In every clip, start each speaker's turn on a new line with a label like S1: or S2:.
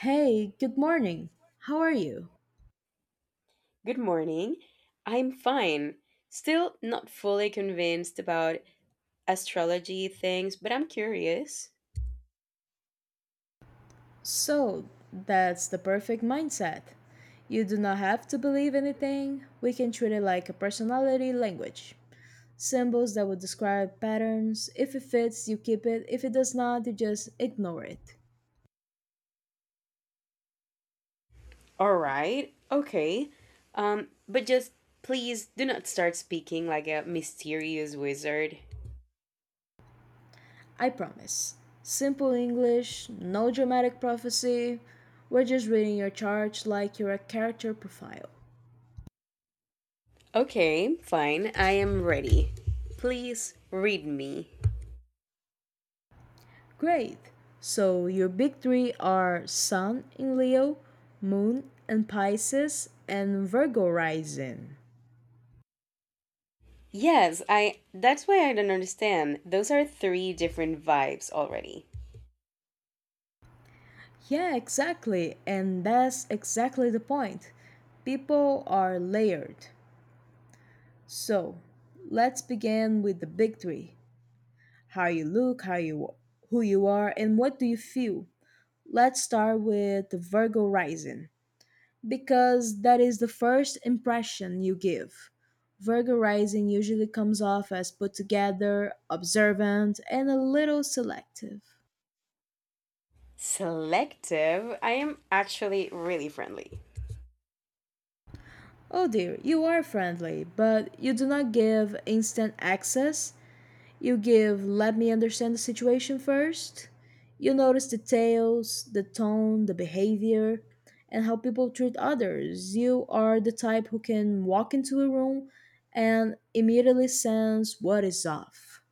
S1: Hey, good morning. How are you?
S2: Good morning. I'm fine. Still not fully convinced about astrology things, but I'm curious.
S1: So, that's the perfect mindset. You do not have to believe anything. We can treat it like a personality language. Symbols that would describe patterns. If it fits, you keep it. If it does not, you just ignore it.
S2: All right. Okay. But just please do not start speaking like a mysterious wizard.
S1: I promise. Simple English, no dramatic prophecy. We're just reading your chart like you're a character profile.
S2: Okay, fine. I am ready. Please read me.
S1: Great. So your big three are Sun in Leo, Moon in Pisces, and Virgo rising.
S2: Yes, I that's why I don't understand. Those are three different vibes already.
S1: Yeah, exactly. And that's exactly the point. People are layered. So let's begin with the big three, how you look, how you, who you are, and what do you feel. Let's start with the Virgo rising. Because that is the first impression you give. Virgo rising usually comes off as put together, observant, and a little selective.
S2: Selective. I am actually really friendly.
S1: Oh dear, you are friendly, but you do not give instant access. You give, let me understand the situation first. You notice details, the tone, the behavior, and how people treat others. You are the type who can walk into a room and immediately sense what is off.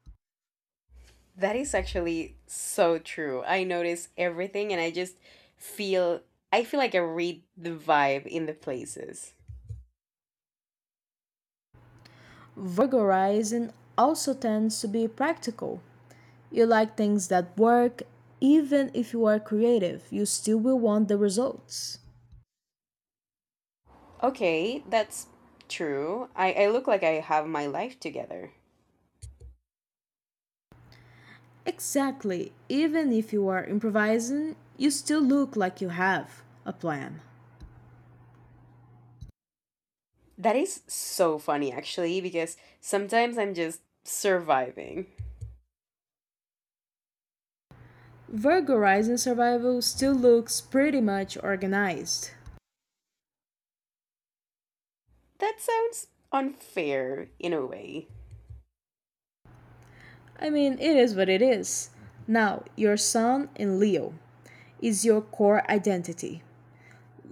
S2: That is actually so true. I notice everything and I just feel I feel like I read the vibe in the places.
S1: Virgo rising also tends to be practical. You like things that work, even if you are creative, you still will want the results.
S2: Okay, that's true. I look like I have my life together.
S1: Exactly, even if you are improvising, you still look like you have a plan.
S2: That is so funny actually because sometimes I'm just surviving.
S1: Virgo rising survival still looks pretty much organized.
S2: That sounds unfair in a way.
S1: I mean, it is what it is. Now, your sun in Leo is your core identity.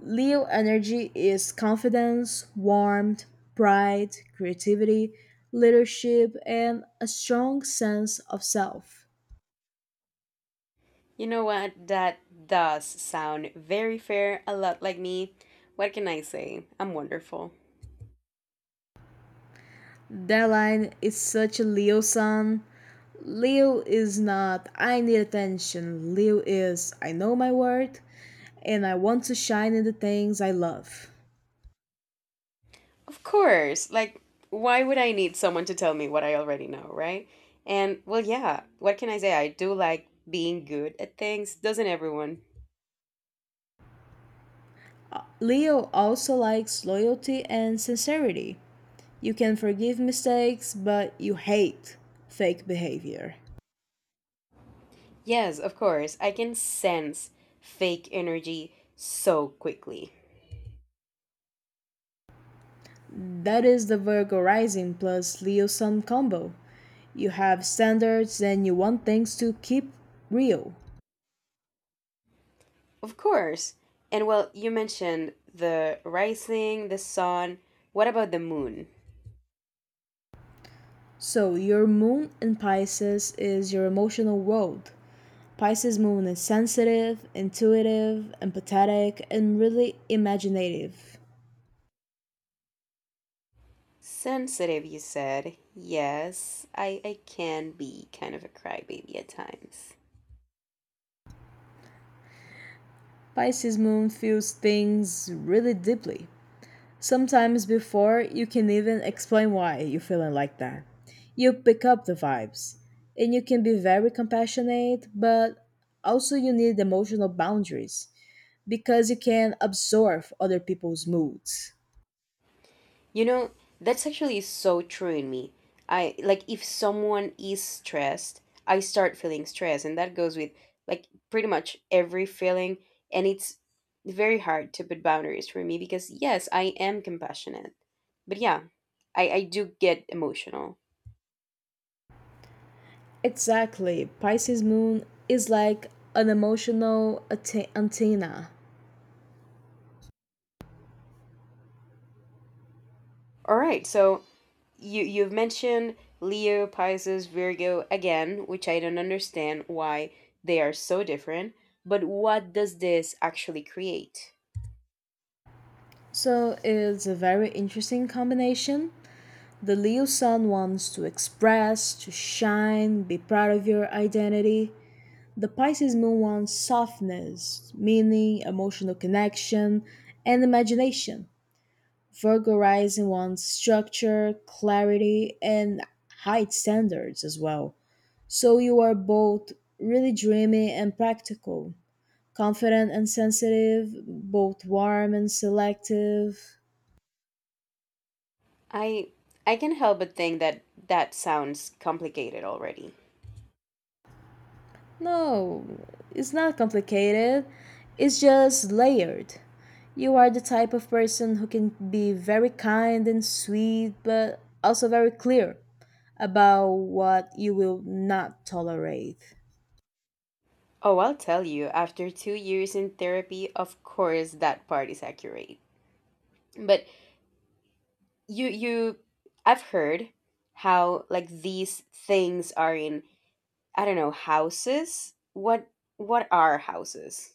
S1: Leo energy is confidence, warmth, pride, creativity, leadership, and a strong sense of self.
S2: You know what? That does sound very fair, a lot like me. What can I say? I'm wonderful.
S1: That line is such a Leo sun. Leo is not, I need attention. Leo is, I know my worth and I want to shine in the things I love.
S2: Of course. Like, why would I need someone to tell me what I already know, right? And, well, yeah, what can I say? I do like being good at things, doesn't everyone?
S1: Leo also likes loyalty and sincerity. You can forgive mistakes, but you hate fake behavior.
S2: Yes, of course. I can sense fake energy so quickly.
S1: That is the Virgo rising plus Leo sun combo. You have standards and you want things to keep real.
S2: Of course. And, well, you mentioned the rising, the sun. What about the moon?
S1: So, your moon in Pisces is your emotional world. Pisces moon is sensitive, intuitive, empathetic, and really imaginative.
S2: Sensitive, you said. Yes, I can be kind of a crybaby at times.
S1: Pisces moon feels things really deeply. Sometimes before you can even explain why you're feeling like that. You pick up the vibes and you can be very compassionate, but also you need emotional boundaries because you can absorb other people's moods.
S2: You know, that's actually so true in me. I like if someone is stressed, I start feeling stress, and that goes with like pretty much every feeling. And it's very hard to put boundaries for me because, yes, I am compassionate. But yeah, I do get emotional.
S1: Exactly. Pisces moon is like an emotional antenna.
S2: All right, so you've mentioned Leo, Pisces, Virgo again, which I don't understand why they are so different, but what does this actually create?
S1: So it's a very interesting combination. The Leo sun wants to express, to shine, be proud of your identity. The Pisces moon wants softness, meaning, emotional connection, and imagination. Virgo rising wants structure, clarity, and high standards as well. So you are both really dreamy and practical, confident and sensitive, both warm and selective.
S2: I I can help but think that that sounds complicated already.
S1: No, it's not complicated, it's just layered. You are the type of person who can be very kind and sweet, but also very clear about what you will not tolerate.
S2: Oh, I'll tell you, after 2 years in therapy, of course that part is accurate. But you I've heard how like these things are in I don't know, houses? What are houses?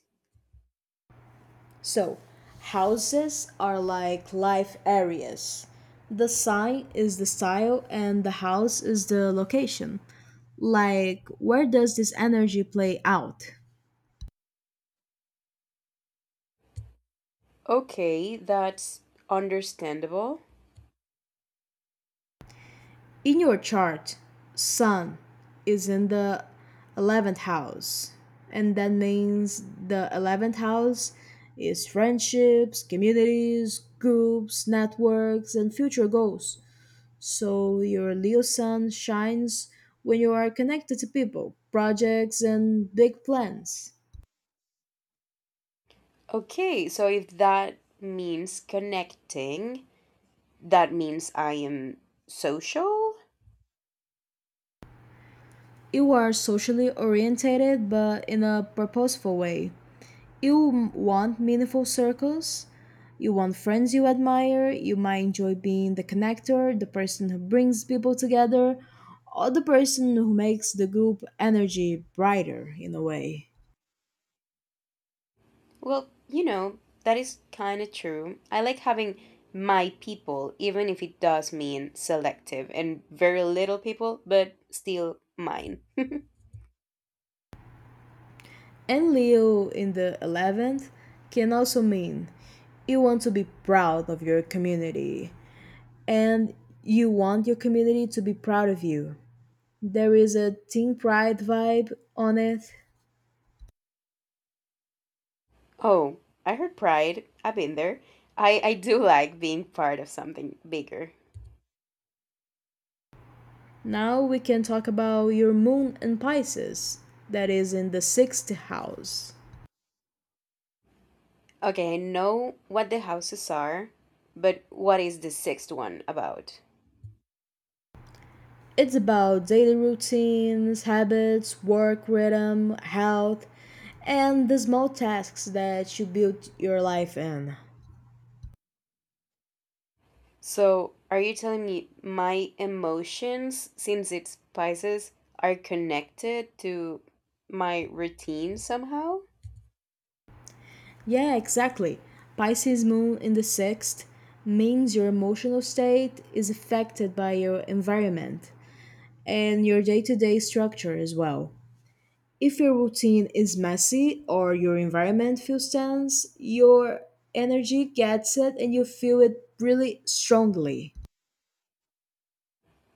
S1: So, houses are like life areas. The sign is the style, and the house is the location. Like, where does this energy play out?
S2: Okay, that's understandable.
S1: In your chart, Sun is in the 11th house, and that means the 11th house is friendships, communities, groups, networks, and future goals. So your Leo Sun shines when you are connected to people, projects, and big plans.
S2: Okay, so if that means connecting, that means I am social?
S1: You are socially orientated but in a purposeful way. You want meaningful circles. You want friends you admire. You might enjoy being the connector, the person who brings people together, or the person who makes the group energy brighter in a way.
S2: Well, you know, that is kind of true. I like having my people, even if it does mean selective and very little people, but still mine.
S1: And Leo in the 11th can also mean you want to be proud of your community and you want your community to be proud of you. There is a team pride vibe on it.
S2: Oh, I heard pride. I've been there. I do like being part of something bigger.
S1: Now we can talk about your moon in Pisces, that is in the sixth house.
S2: Okay, I know what the houses are, but what is the sixth one about?
S1: It's about daily routines, habits, work rhythm, health, and the small tasks that you build your life in.
S2: So, are you telling me my emotions, since it spices, are connected to my routine somehow?
S1: Yeah, exactly. Pisces moon in the sixth means your emotional state is affected by your environment and your day to day structure as well. If your routine is messy or your environment feels tense, your energy gets it and you feel it really strongly.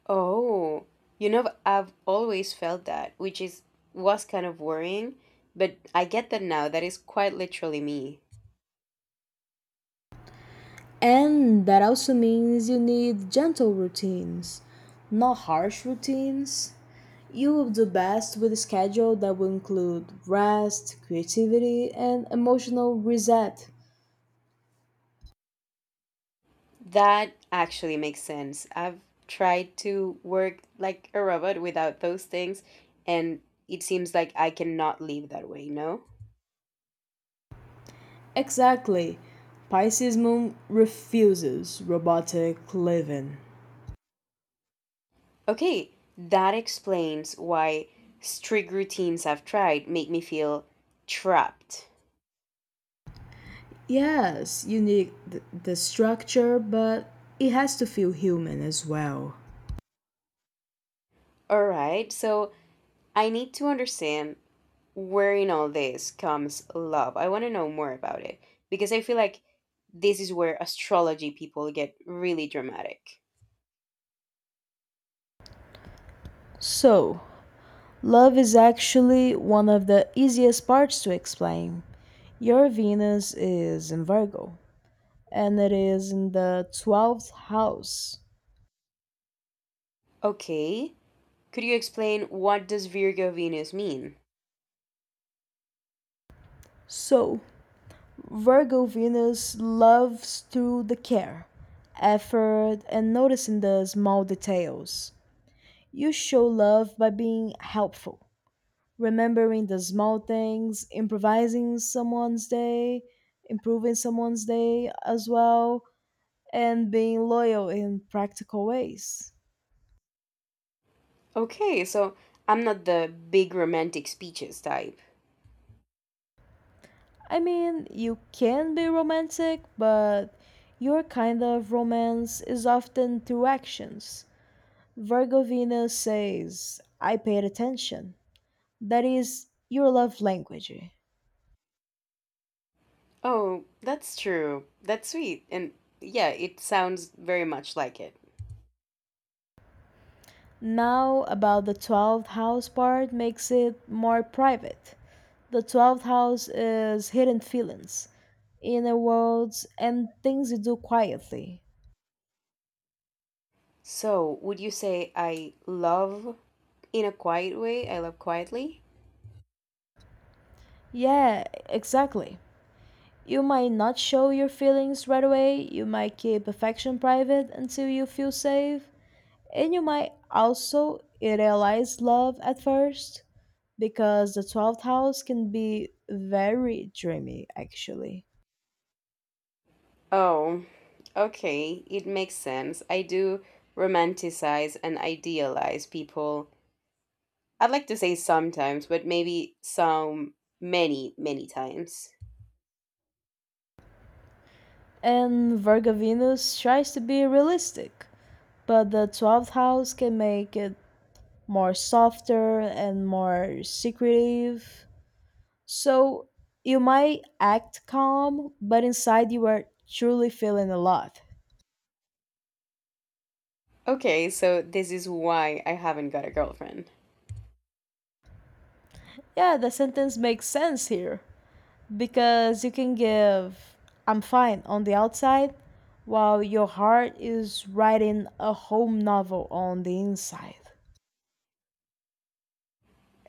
S2: Oh, you know, I've always felt that, which is was kind of worrying, but I get that now. That is quite literally me.
S1: And that also means you need gentle routines, not harsh routines. You will do best with a schedule that will include rest, creativity, and emotional reset.
S2: That actually makes sense. I've tried to work like a robot without those things, and it seems like I cannot live that way, no?
S1: Exactly. Pisces moon refuses robotic living.
S2: Okay, that explains why strict routines I've tried make me feel trapped.
S1: Yes, you need the structure, but it has to feel human as well.
S2: All right, so I need to understand where in all this comes love. I want to know more about it because I feel like this is where astrology people get really dramatic.
S1: So, love is actually one of the easiest parts to explain. Your Venus is in Virgo, and it is in the 12th house.
S2: Okay, could you explain what does Virgo Venus mean?
S1: So, Virgo Venus loves through the care, effort, and noticing the small details. You show love by being helpful, remembering the small things, improvising someone's day, improving someone's day as well, and being loyal in practical ways.
S2: Okay, so I'm not the big romantic speeches type.
S1: I mean, you can be romantic, but your kind of romance is often through actions. Virgo Venus says, I paid attention. That is your love language.
S2: Oh, that's true. That's sweet. And yeah, it sounds very much like it.
S1: Now, about the 12th house part makes it more private. The 12th house is hidden feelings, inner worlds, and things you do quietly.
S2: So, would you say I love in a quiet way? I love quietly?
S1: Yeah, exactly. You might not show your feelings right away, you might keep affection private until you feel safe, and you might also idealize love at first because the 12th house can be very dreamy actually.
S2: Oh, okay. It makes sense. I do romanticize and idealize people. I'd like to say sometimes, but maybe some many, many times.
S1: And Virgo Venus tries to be realistic, but the 12th house can make it more softer and more secretive. So you might act calm, but inside you are truly feeling a lot.
S2: Okay, so this is why I haven't got a girlfriend.
S1: Yeah, the sentence makes sense here because you can give I'm fine on the outside while your heart is writing a whole novel on the inside.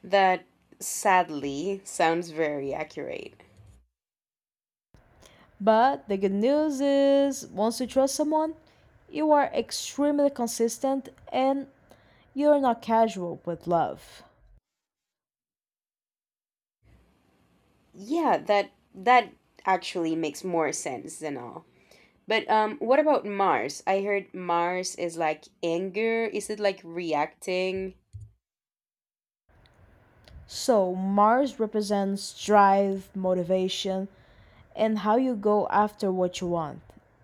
S2: That sadly sounds very accurate.
S1: But the good news is, once you trust someone, you are extremely consistent and you're not casual with love.
S2: Yeah, that actually makes more sense than all. But what about Mars? I heard Mars is like anger. Is it like reacting?
S1: So, Mars represents drive, motivation, and how you go after what you want.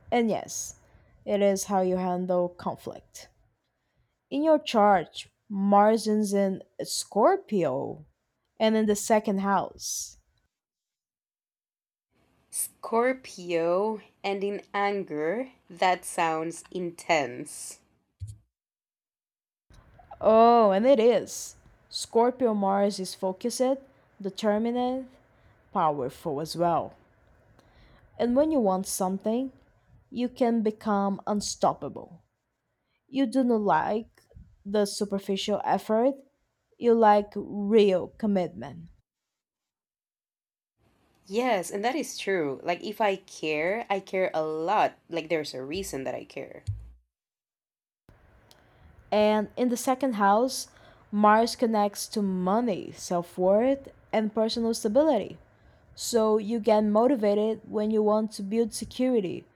S1: And yes, it is how you handle conflict. In your chart, Mars is in Scorpio and in the second house.
S2: Scorpio and in anger, that sounds intense.
S1: Oh, and it is. Scorpio Mars is focused, determined, powerful as well. And when you want something, you can become unstoppable. You do not like the superficial effort, you like real commitment.
S2: Yes, and that is true. Like if I care, I care a lot. Like there's a reason that I care.
S1: And in the second house, Mars connects to money, self worth, and personal stability. So you get motivated when you want to build security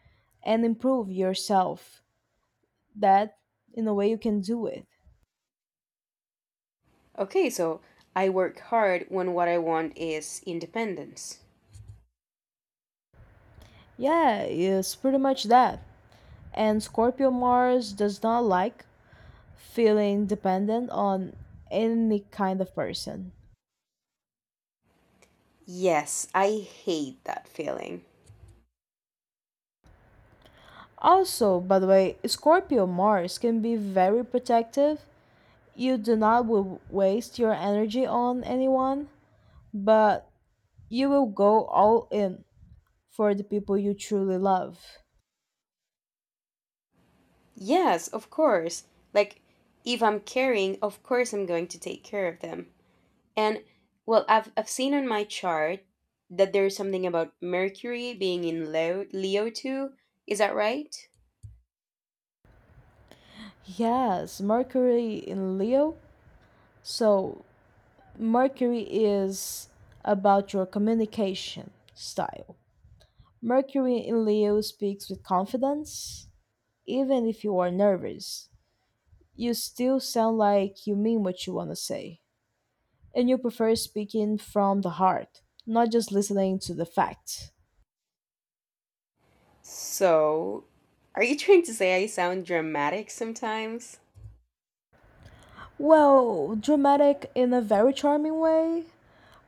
S1: and improve yourself. That, in a way, you can do it.
S2: Okay, so I work hard when what I want is independence.
S1: Yeah, it's pretty much that. And Scorpio Mars does not like feeling dependent on any kind of person.
S2: Yes, I hate that feeling.
S1: Also, by the way, Scorpio Mars can be very protective. You do not will waste your energy on anyone, but you will go all in for the people you truly love.
S2: Yes, of course. Like if I'm caring, of course I'm going to take care of them. And well, I've seen on my chart that there's something about Mercury being in Leo too. Is that right?
S1: Yes, Mercury in Leo. So, Mercury is about your communication style. Mercury in Leo speaks with confidence. Even if you are nervous, you still sound like you mean what you want to say. And you prefer speaking from the heart, not just listening to the facts.
S2: So, are you trying to say I sound dramatic sometimes?
S1: Well, dramatic in a very charming way.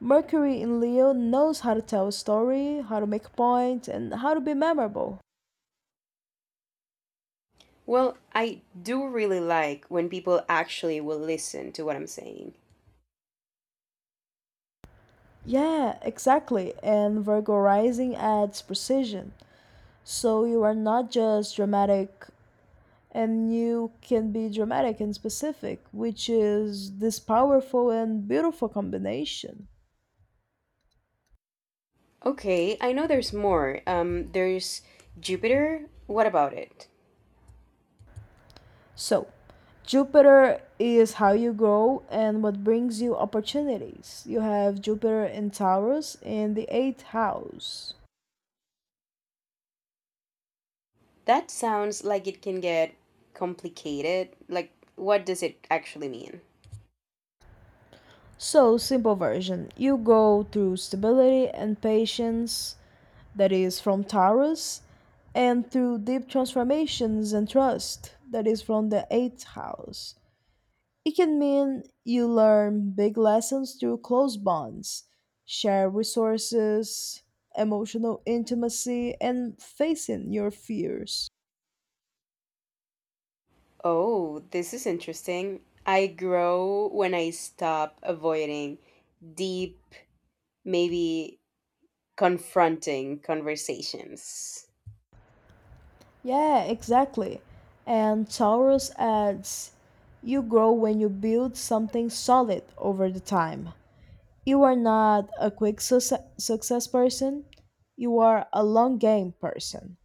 S1: Mercury in Leo knows how to tell a story, how to make a point, and how to be memorable.
S2: Well, I do really like when people actually will listen to what I'm saying.
S1: Yeah, exactly. And Virgo rising adds precision. So you are not just dramatic and you can be dramatic and specific, which is this powerful and beautiful combination.
S2: Okay, I know there's more. There's Jupiter. What about it?
S1: So, Jupiter is how you grow and what brings you opportunities. You have Jupiter in Taurus in the eighth house.
S2: That sounds like it can get complicated. Like, what does it actually mean?
S1: So, simple version you go through stability and patience, that is from Taurus, and through deep transformations and trust, that is from the eighth house. It can mean you learn big lessons through close bonds, share resources, emotional intimacy, and facing your fears.
S2: Oh, this is interesting. I grow when I stop avoiding deep, maybe confronting conversations.
S1: Yeah, exactly. And Taurus adds, you grow when you build something solid over the time. You are not a quick success person, you are a long game person.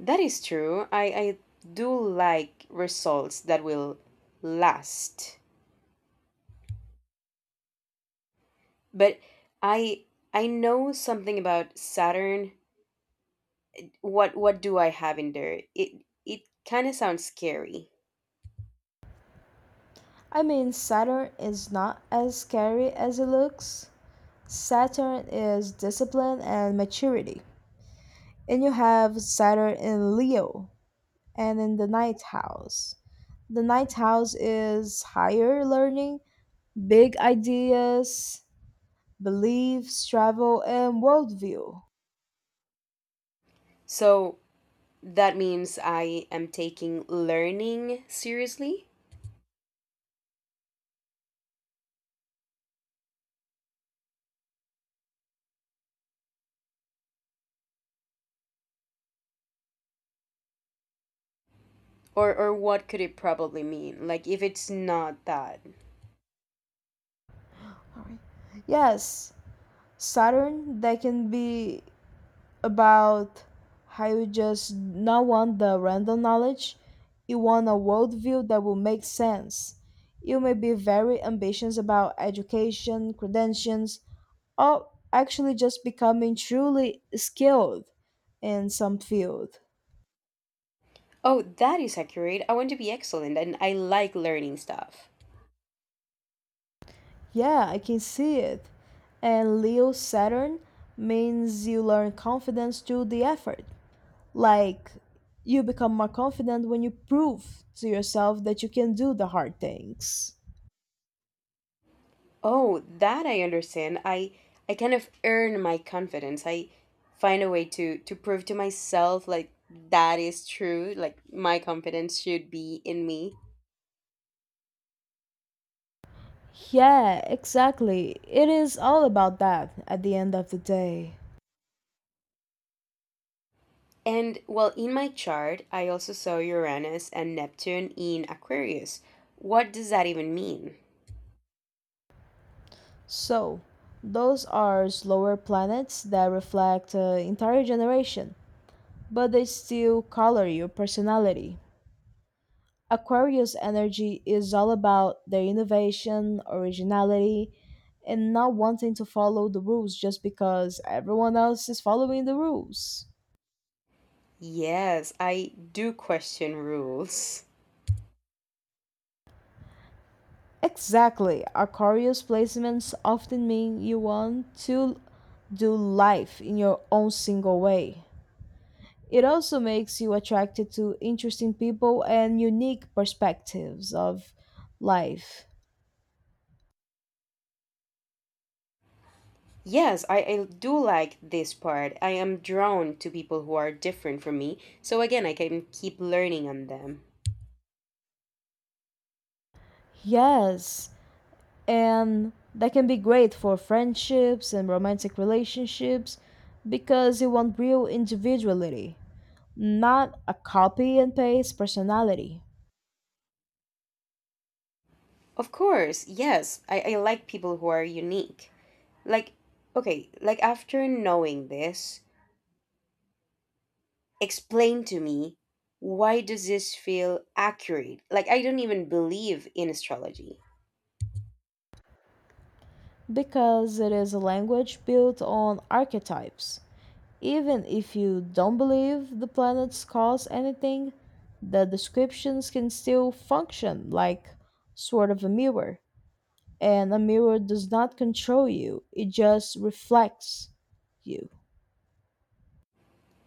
S2: That is true. I do like results that will last. But I I know something about Saturn. What do I have in there? It kind of sounds scary.
S1: I mean, Saturn is not as scary as it looks. Saturn is discipline and maturity. And you have Saturn in Leo and in the ninth house. The ninth house is higher learning, big ideas, beliefs, travel, and worldview.
S2: So that means I am taking learning seriously? Or what could it probably mean? Like, if it's not that.
S1: Yes, Saturn that can be about how you just not want the random knowledge. You want a worldview that will make sense. You may be very ambitious about education, credentials, or actually just becoming truly skilled in some field.
S2: Oh, that is accurate. I want to be excellent and I like learning stuff.
S1: Yeah, I can see it. And Leo Saturn means you learn confidence through the effort. Like, you become more confident when you prove to yourself that you can do the hard things.
S2: Oh, that I understand. I kind of earn my confidence. I find a way to prove to myself, like, that is true. Like, my confidence should be in me.
S1: Yeah, exactly. It is all about that at the end of the day.
S2: And well, in my chart, I also saw Uranus and Neptune in Aquarius. What does that even mean?
S1: So, those are slower planets that reflect an entire generation, but they still color your personality. Aquarius energy is all about their innovation, originality, and not wanting to follow the rules just because everyone else is following the rules.
S2: Yes, I do question rules.
S1: Exactly. Aquarius placements often mean you want to do life in your own single way. It also makes you attracted to interesting people and unique perspectives of life.
S2: Yes, I do like this part. I am drawn to people who are different from me, so again, I can keep learning on them.
S1: Yes, and that can be great for friendships and romantic relationships because you want real individuality, not a copy and paste personality.
S2: Of course, yes, I like people who are unique. Like, okay, like after knowing this, explain to me why does this feel accurate, like I don't even believe in astrology.
S1: Because it is a language built on archetypes. Even if you don't believe the planets cause anything, the descriptions can still function like sort of a mirror. And a mirror does not control you, it just reflects you.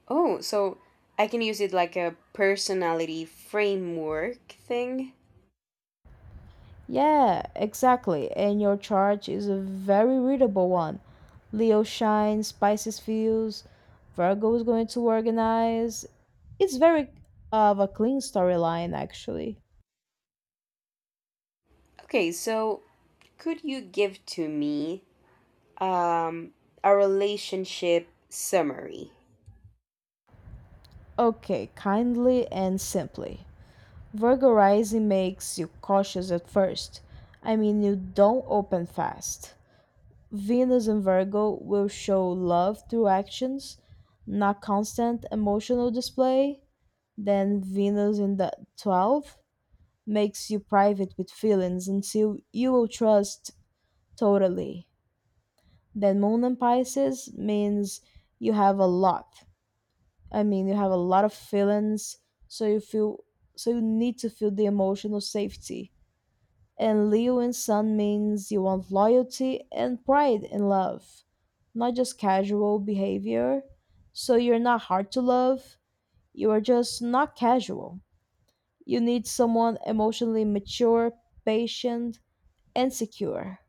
S2: Oh, so I can use it like a personality framework thing.
S1: Yeah, exactly. And your chart is a very readable one. Leo shines, Pisces feels, Virgo is going to organize. It's very of a clean storyline, actually.
S2: Okay, so could you give to me um a relationship summary?
S1: Okay, kindly and simply. Virgo rising makes you cautious at first. I mean, you don't open fast. Venus in Virgo will show love through actions, not constant emotional display. Then Venus in the 12th makes you private with feelings until you will trust totally. Then Moon in Pisces means you have a lot. I mean, you have a lot of feelings, so you feel so you need to feel the emotional safety. And Leo in Sun means you want loyalty and pride in love, not just casual behavior. So you're not hard to love, you are just not casual. You need someone emotionally mature, patient, and secure.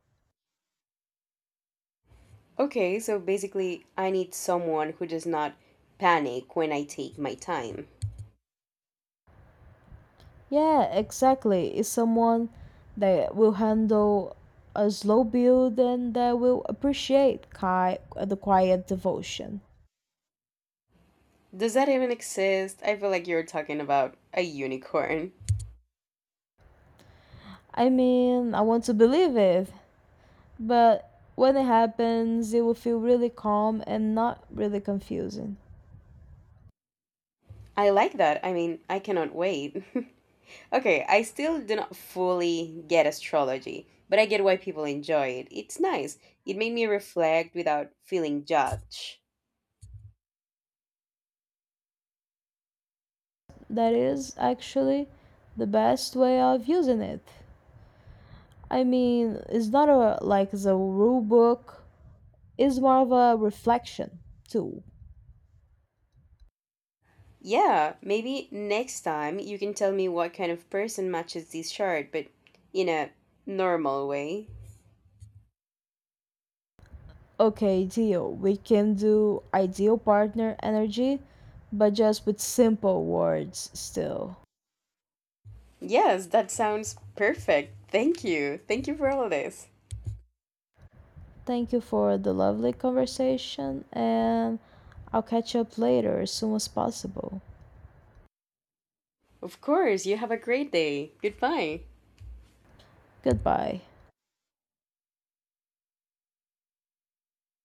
S2: Okay, so basically I need someone who does not panic when I take my time.
S1: Yeah, exactly. It's someone that will handle a slow build and that will appreciate the quiet devotion.
S2: Does that even exist? I feel like you're talking about a unicorn.
S1: I mean, I want to believe it, but when it happens, it will feel really calm and not really confusing.
S2: I like that. I mean, I cannot wait. Okay, I still do not fully get astrology, but I get why people enjoy it. It's nice. It made me reflect without feeling judged.
S1: That is actually the best way of using it. I mean, it's not a like the rule book is more of a reflection tool.
S2: Yeah, maybe next time you can tell me what kind of person matches this chart, but in a normal way.
S1: Okay, deal. We can do ideal partner energy, but just with simple words still.
S2: Yes, that sounds perfect. Thank you. Thank you for all this.
S1: Thank you for the lovely conversation, and I'll catch up later as soon as possible.
S2: Of course, you have a great day. Goodbye.
S1: Goodbye.